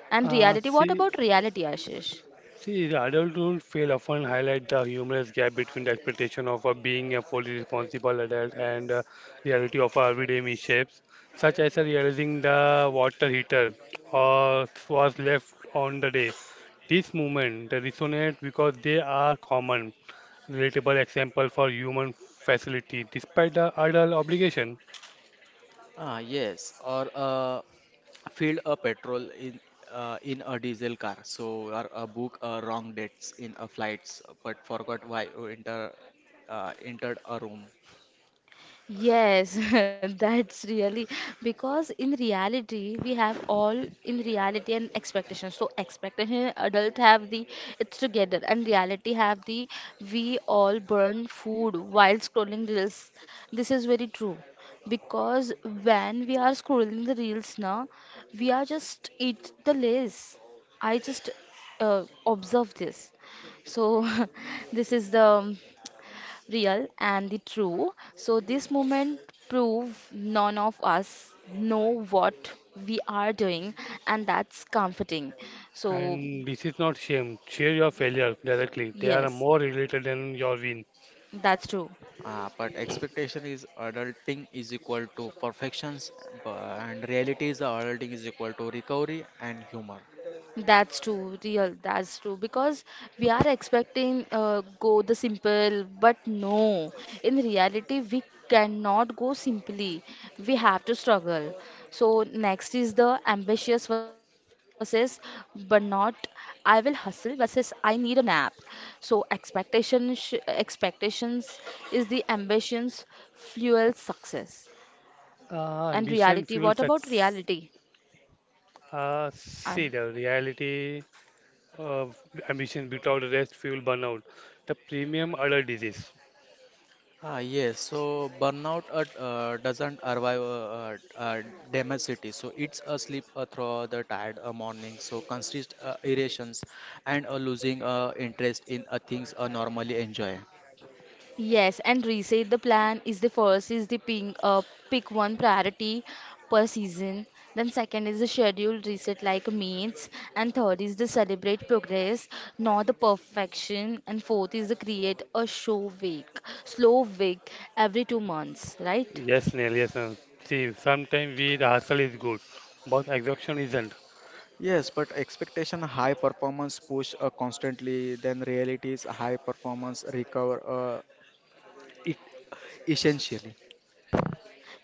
S1: And
S2: Uh,
S1: reality, what
S2: see,
S1: about reality, Ashish?
S2: See, the adult rule fail often highlight the humorous gap between the expectation of being a fully responsible adult and reality of our everyday mishaps, such as realizing the water heater was left on the day. This moment they resonate because they are common, relatable example for human facility despite the adult obligation.
S3: Ah, yes, or filled a petrol in in a diesel car. So or a book wrong dates in a flights, but forgot why you entered a room.
S1: Yes, that's really because in reality we have all in reality and expectations. So expectation adult have the it's together and reality have the we all burn food while scrolling reels. This is very true because when we are scrolling the reels now, we are just eat the lace. I just observe this. So this is the real and the true. So this moment prove none of us know what we are doing and that's comforting. So
S2: And this is not shame. Share your failure directly. They are
S1: yes,
S2: more related than your win.
S1: that's true.
S3: But expectation is adulting is equal to perfections, and reality is adulting is equal to recovery and humor.
S1: That's true, real. That's true. Because we are expecting go the simple, but no. In reality, we cannot go simply. We have to struggle. So next is the ambitious versus but not. I will hustle versus I need a nap. So expectations is the ambitions fuel success. And
S2: Ambition
S1: reality, what
S2: fuels
S1: about
S2: success.
S1: reality?
S2: See the reality of ambition without rest fuel burnout, the premium other disease.
S3: Ah, yes, so burnout doesn't arrive damage city. So it's a sleep through the tired morning. So consist irritations and losing interest in things normally enjoy.
S1: Yes, and reset the plan is the first is the pick one priority per season. Then second is the schedule reset like means, and third is the celebrate progress, not the perfection. And fourth is the create a slow week every 2 months, right?
S2: Yes, Neil, yes, Neil. See, sometimes we the hustle is good, but exhaustion isn't.
S3: Yes, but expectation high performance push constantly, then reality is high performance recover it essentially.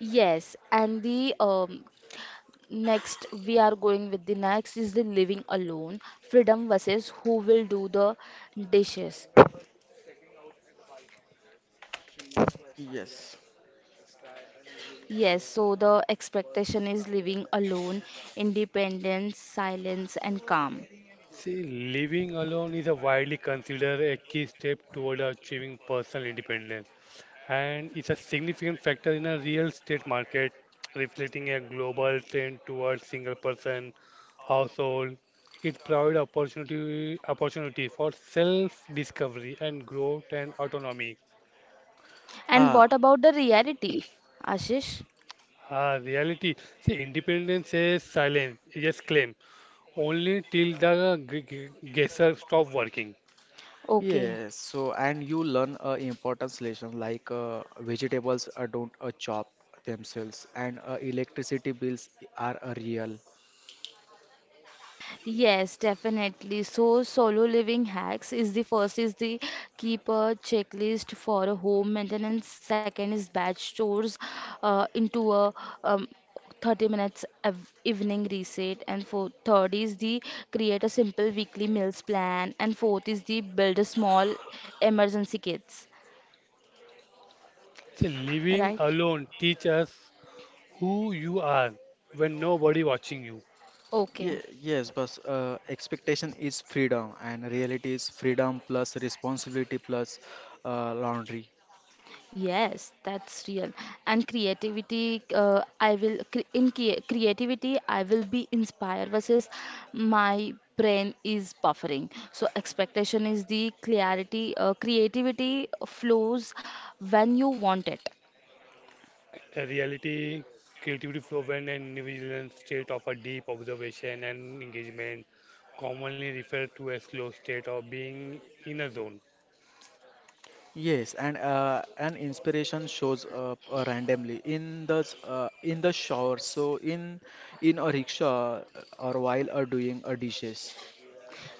S1: Yes, and the next we are going with the next is the living alone, freedom versus who will do the dishes.
S3: Yes.
S1: Yes, so the expectation is living alone, independence, silence, and calm.
S2: See, living alone is a widely considered a key step toward achieving personal independence. And it's a significant factor in a real estate market, reflecting a global trend towards single-person household. It provides opportunity for self-discovery and growth and autonomy.
S1: And
S3: Ah,
S1: what about the reality, Ashish?
S2: Ah, reality. See, independence is silent, yes, claim. Only till the guesser stop working.
S1: Okay,
S3: yes. So, and you learn a importance lesson like vegetables don't chop themselves, and electricity bills are real.
S1: yes, definitely. So solo living hacks is the first is the keep a checklist for a home maintenance. Second is batch chores into a um, 30 minutes of evening reset. And for third is the create a simple weekly meals plan. And fourth is the build a small emergency kits.
S2: See, living
S1: Right?
S2: alone teach us who you are when nobody watching you.
S1: Okay.
S3: Yeah, yes, but expectation is freedom, and reality is freedom plus responsibility plus laundry.
S1: Yes, that's real. And creativity, I will cre- in crea- creativity, I will be inspired versus my brain is buffering. So expectation is the clarity. Creativity flows when you want it.
S2: The reality, creativity flow when an individual state of a deep observation and engagement, commonly referred to as slow state or being in a zone.
S3: Yes, and an inspiration shows up randomly in the in the shower. So in a rickshaw or while doing a dishes.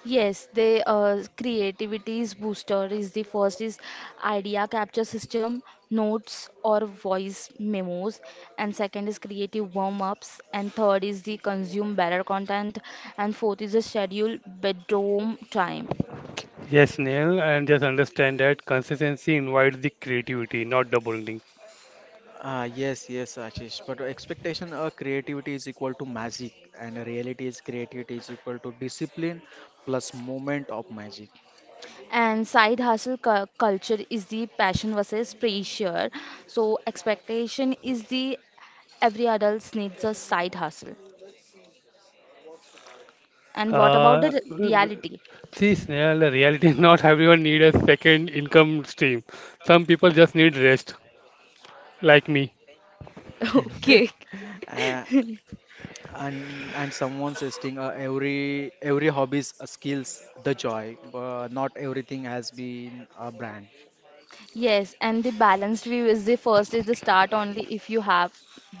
S1: Yes, the creativity's booster is the first is idea capture system, notes or voice memos, and second is creative warm ups, and third is the consume better content, and fourth is the schedule bedroom time.
S2: Yes, Neil, and just understand that consistency invites the creativity, not the bonding.
S3: Ah, yes, yes, Ashish. But expectation or creativity is equal to magic, and reality is creativity is equal to discipline plus moment of magic.
S1: And side hustle culture is the passion versus pressure. So expectation is the every adult needs a side hustle. And what about the
S2: Uh,
S1: reality?
S2: See, Snail, the reality is not everyone need a second income stream. Some people just need rest, like me.
S1: Okay.
S3: Uh, and someone's testing every hobby's skills the joy, but not everything has been a brand.
S1: Yes, and the balanced view is the first is the start only if you have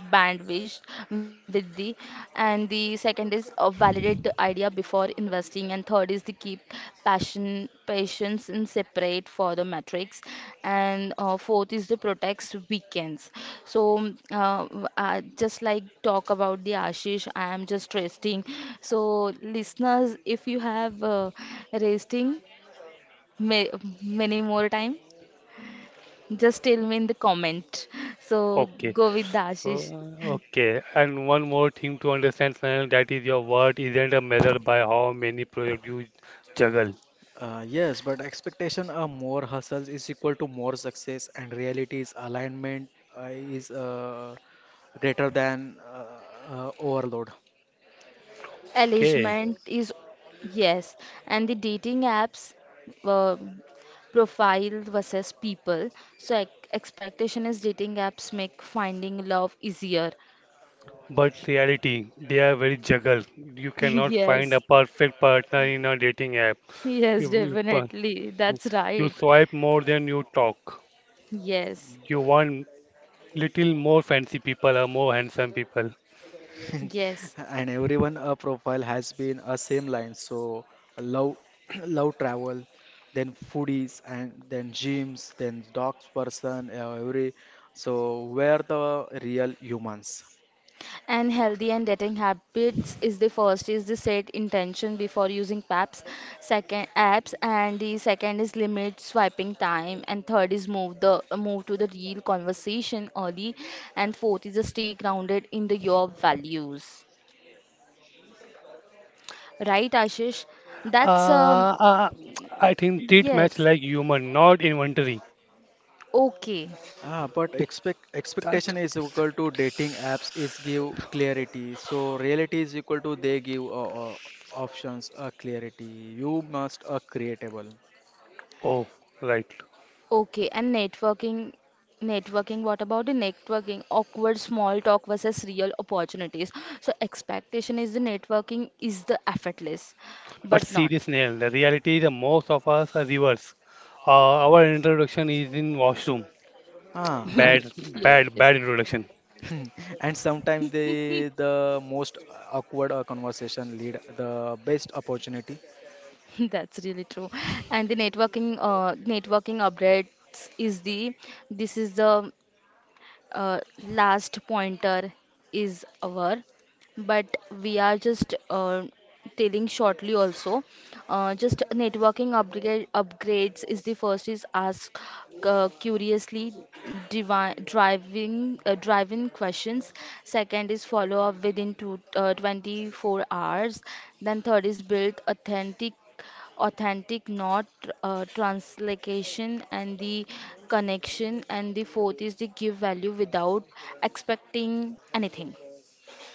S1: bandwidth with the and the second is validate the idea before investing and third is to keep passion patience in separate for the metrics and fourth is the protects weekends. So just like talk about the Ashish, I am just resting. So listeners, if you have resting may, many more time. Just tell me in the comment. So
S2: Okay.
S1: go with the
S2: So,
S1: Ashish.
S2: okay. And one more thing to understand, Snehal, that is your worth isn't a measure by how many projects you juggle.
S3: Yes, but expectation of more hustles is equal to more success, and reality is alignment is greater than overload.
S2: Okay.
S1: Alishment is yes, and the dating apps uh, profile versus people. So ex expectation is dating apps make finding love easier.
S2: But reality, they are very juggled. You cannot find a
S1: Yes,
S2: perfect partner in a dating app.
S1: yes,
S2: You, you, pa-
S1: definitely. That's
S2: you
S1: right.
S2: swipe more than you talk.
S1: Yes,
S2: You want little more fancy people or more handsome people.
S1: yes.
S3: And everyone profile has been a same line. So love love travel, then foodies, and then gyms, then dogs person, every. So where the real humans?
S1: And healthy and dating habits is the first is the set intention before using apps, and the second is limit swiping time, and third is move to the real conversation early, and fourth is the stay grounded in the your values. Right, Ashish? That's
S2: Uh, uh, I think treat match
S1: yes.
S2: like human, not inventory.
S1: Okay.
S3: Ah, but expect
S2: That,
S3: expectation is equal to dating apps is give clarity. So reality is equal to they give options clarity. You must creatable.
S2: oh, right.
S1: Okay, and networking, what about the networking? Awkward small talk versus real opportunities. So expectation is the networking is the effortless,
S2: But
S1: but not.
S2: serious Neil, the reality is most of us are reverse. Our introduction is in washroom.
S3: Ah, and
S2: Bad,
S1: Yes,
S2: Bad introduction.
S3: and sometimes the most awkward conversation lead the best opportunity.
S1: that's really true. And the networking, networking updates is the, this is the uh, last pointer is our but we are just telling shortly also just networking upgrades is the first is ask curiously driving driving questions, second is follow up within 24 hours, then third is build authentic, not translocation, and the connection. And the fourth is the give value without expecting anything.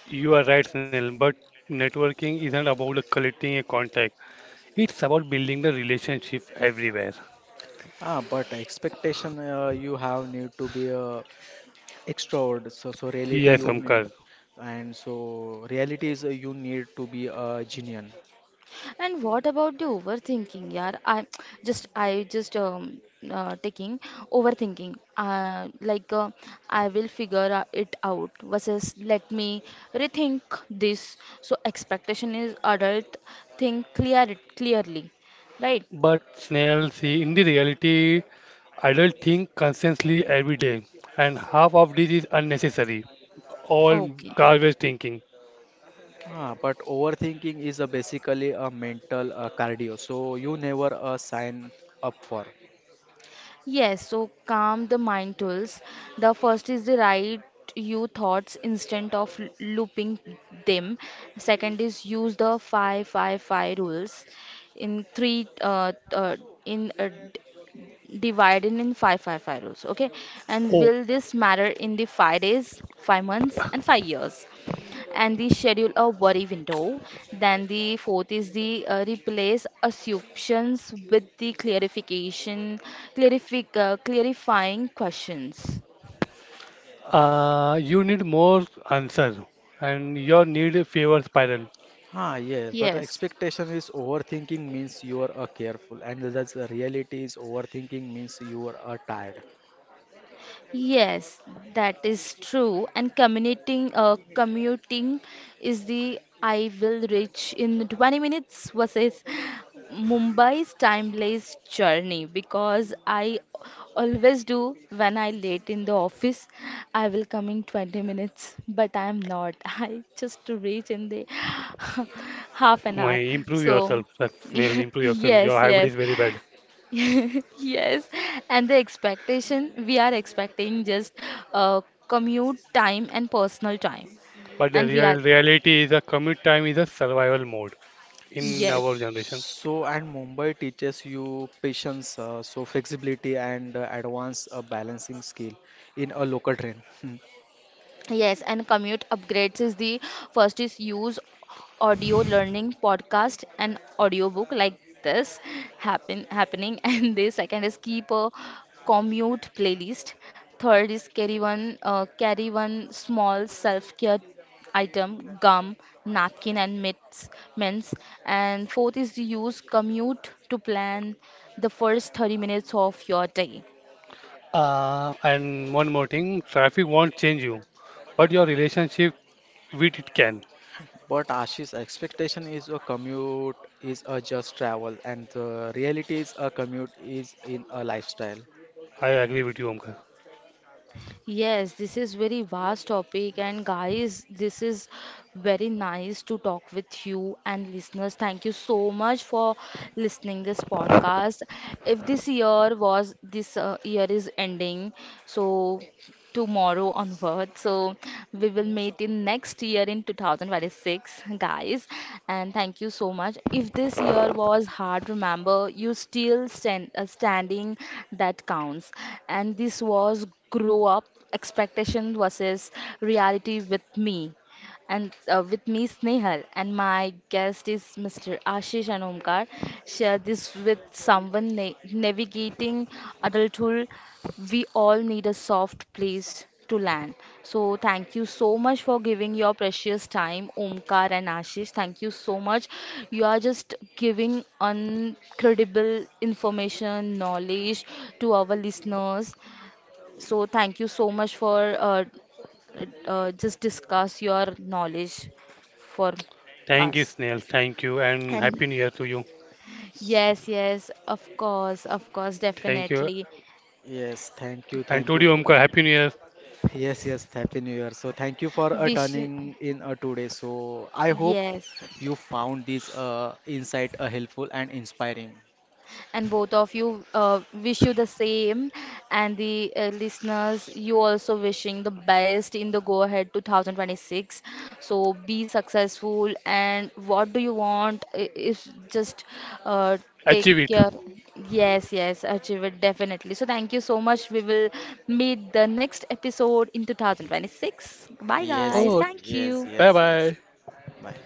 S2: You are right, Neil, but networking isn't about collecting a contact. It's about building the relationship everywhere.
S3: Ah, but expectation, you have need to be extrovert. So reality
S2: Yes,
S3: you need,
S2: Omkar.
S3: and so reality is you need to be genuine.
S1: And what about the overthinking, yaar? I just I just taking overthinking. I will figure it out versus let me rethink this. So expectation is adult think clearly, right?
S2: But Snail, see, in the reality, I don't think constantly every day, and half of this is unnecessary. All
S1: Okay.
S2: garbage thinking.
S3: Ah, but overthinking is basically a mental cardio. So you never sign up for.
S1: Yes, so calm the mind tools. The first is the write you thoughts instead of looping them. Second is use the five five five rules. In three in d- divide in five five five rules. Okay, and
S2: Oh,
S1: will this matter in the 5 days, 5 months, and 5 years? And the schedule a worry window. Then the fourth is the replace assumptions with the clarifying questions.
S2: You need more answer, and your need favor spiral.
S3: Ah, yes, but
S1: Yes.
S3: expectation is overthinking means you are careful, and that's the reality is overthinking means you are tired.
S1: Yes, that is true. And commuting is the I will reach in 20 minutes versus Mumbai's timeless journey because I always do when I late in the office, I will come in 20 minutes, but I am not. I just reach in the half an
S2: My
S1: hour.
S2: improve
S1: So
S2: yourself, that's Snail. Improve yourself. Your
S1: yes,
S2: hybrid is
S1: yes.
S2: very bad.
S1: Yes, and the expectation we are expecting just uh, commute time and personal time,
S2: But the
S1: and we
S2: real
S1: are
S2: reality is a commute time is a survival mode in
S1: yes,
S2: our generation.
S3: So, and Mumbai teaches you patience, so flexibility, and advanced balancing skill in a local train. Hmm.
S1: yes, and commute upgrades is the first is use audio learning podcast and audiobook like this happen happening and the second is keep a commute playlist, third is carry one small self-care item, gum, napkin and mitts mints, and fourth is to use commute to plan the first 30 minutes of your day.
S2: And one more thing, traffic won't change you, but your relationship with it can.
S3: But Ashish, expectation is a commute is a just travel, and the reality is a commute is in a lifestyle.
S2: I agree with you, Omkar.
S1: Yes, this is very vast topic and guys, this is very nice to talk with you and listeners. Thank you so much for listening this podcast. If this year is ending, so tomorrow onward. So we will meet in next year in 2026, guys. And thank you so much. If this year was hard, remember you still standing. That counts. And this was grow up expectation versus reality with me and with me Snehal and my guest is Mr. Ashish and Omkar. Share this with someone navigating adulthood. We all need a soft place to land. So thank you so much for giving your precious time, Omkar and Ashish. Thank you so much. You are just giving incredible information, knowledge to our listeners. So thank you so much for just discuss your knowledge for
S2: Thank you,
S1: us.
S2: Snail. Thank you, and Happy New Year to you.
S3: S-
S1: Yes, yes, of course,
S2: Thank you,
S1: definitely.
S3: Yes,
S2: and
S3: thank
S2: to
S3: you
S2: you,
S3: for.
S2: Omkar. Happy New Year.
S3: Yes, yes, Happy New Year. So thank you for
S1: Wish,
S3: turning in today. So I hope
S1: yes,
S3: you found this insight helpful and inspiring.
S1: and both of you wish you the same and the listeners you also wishing the best in the go ahead 2026, so be successful and what do you want is just uh,
S2: Achieve
S1: take
S2: it.
S1: care. Yes, yes, achieve it, definitely, so thank you so much. We will meet the next episode in 2026. Bye
S3: Yes,
S1: guys,
S2: Oh,
S1: thank
S3: yes,
S1: you.
S2: bye
S3: yes, yes.
S2: bye.
S3: Bye.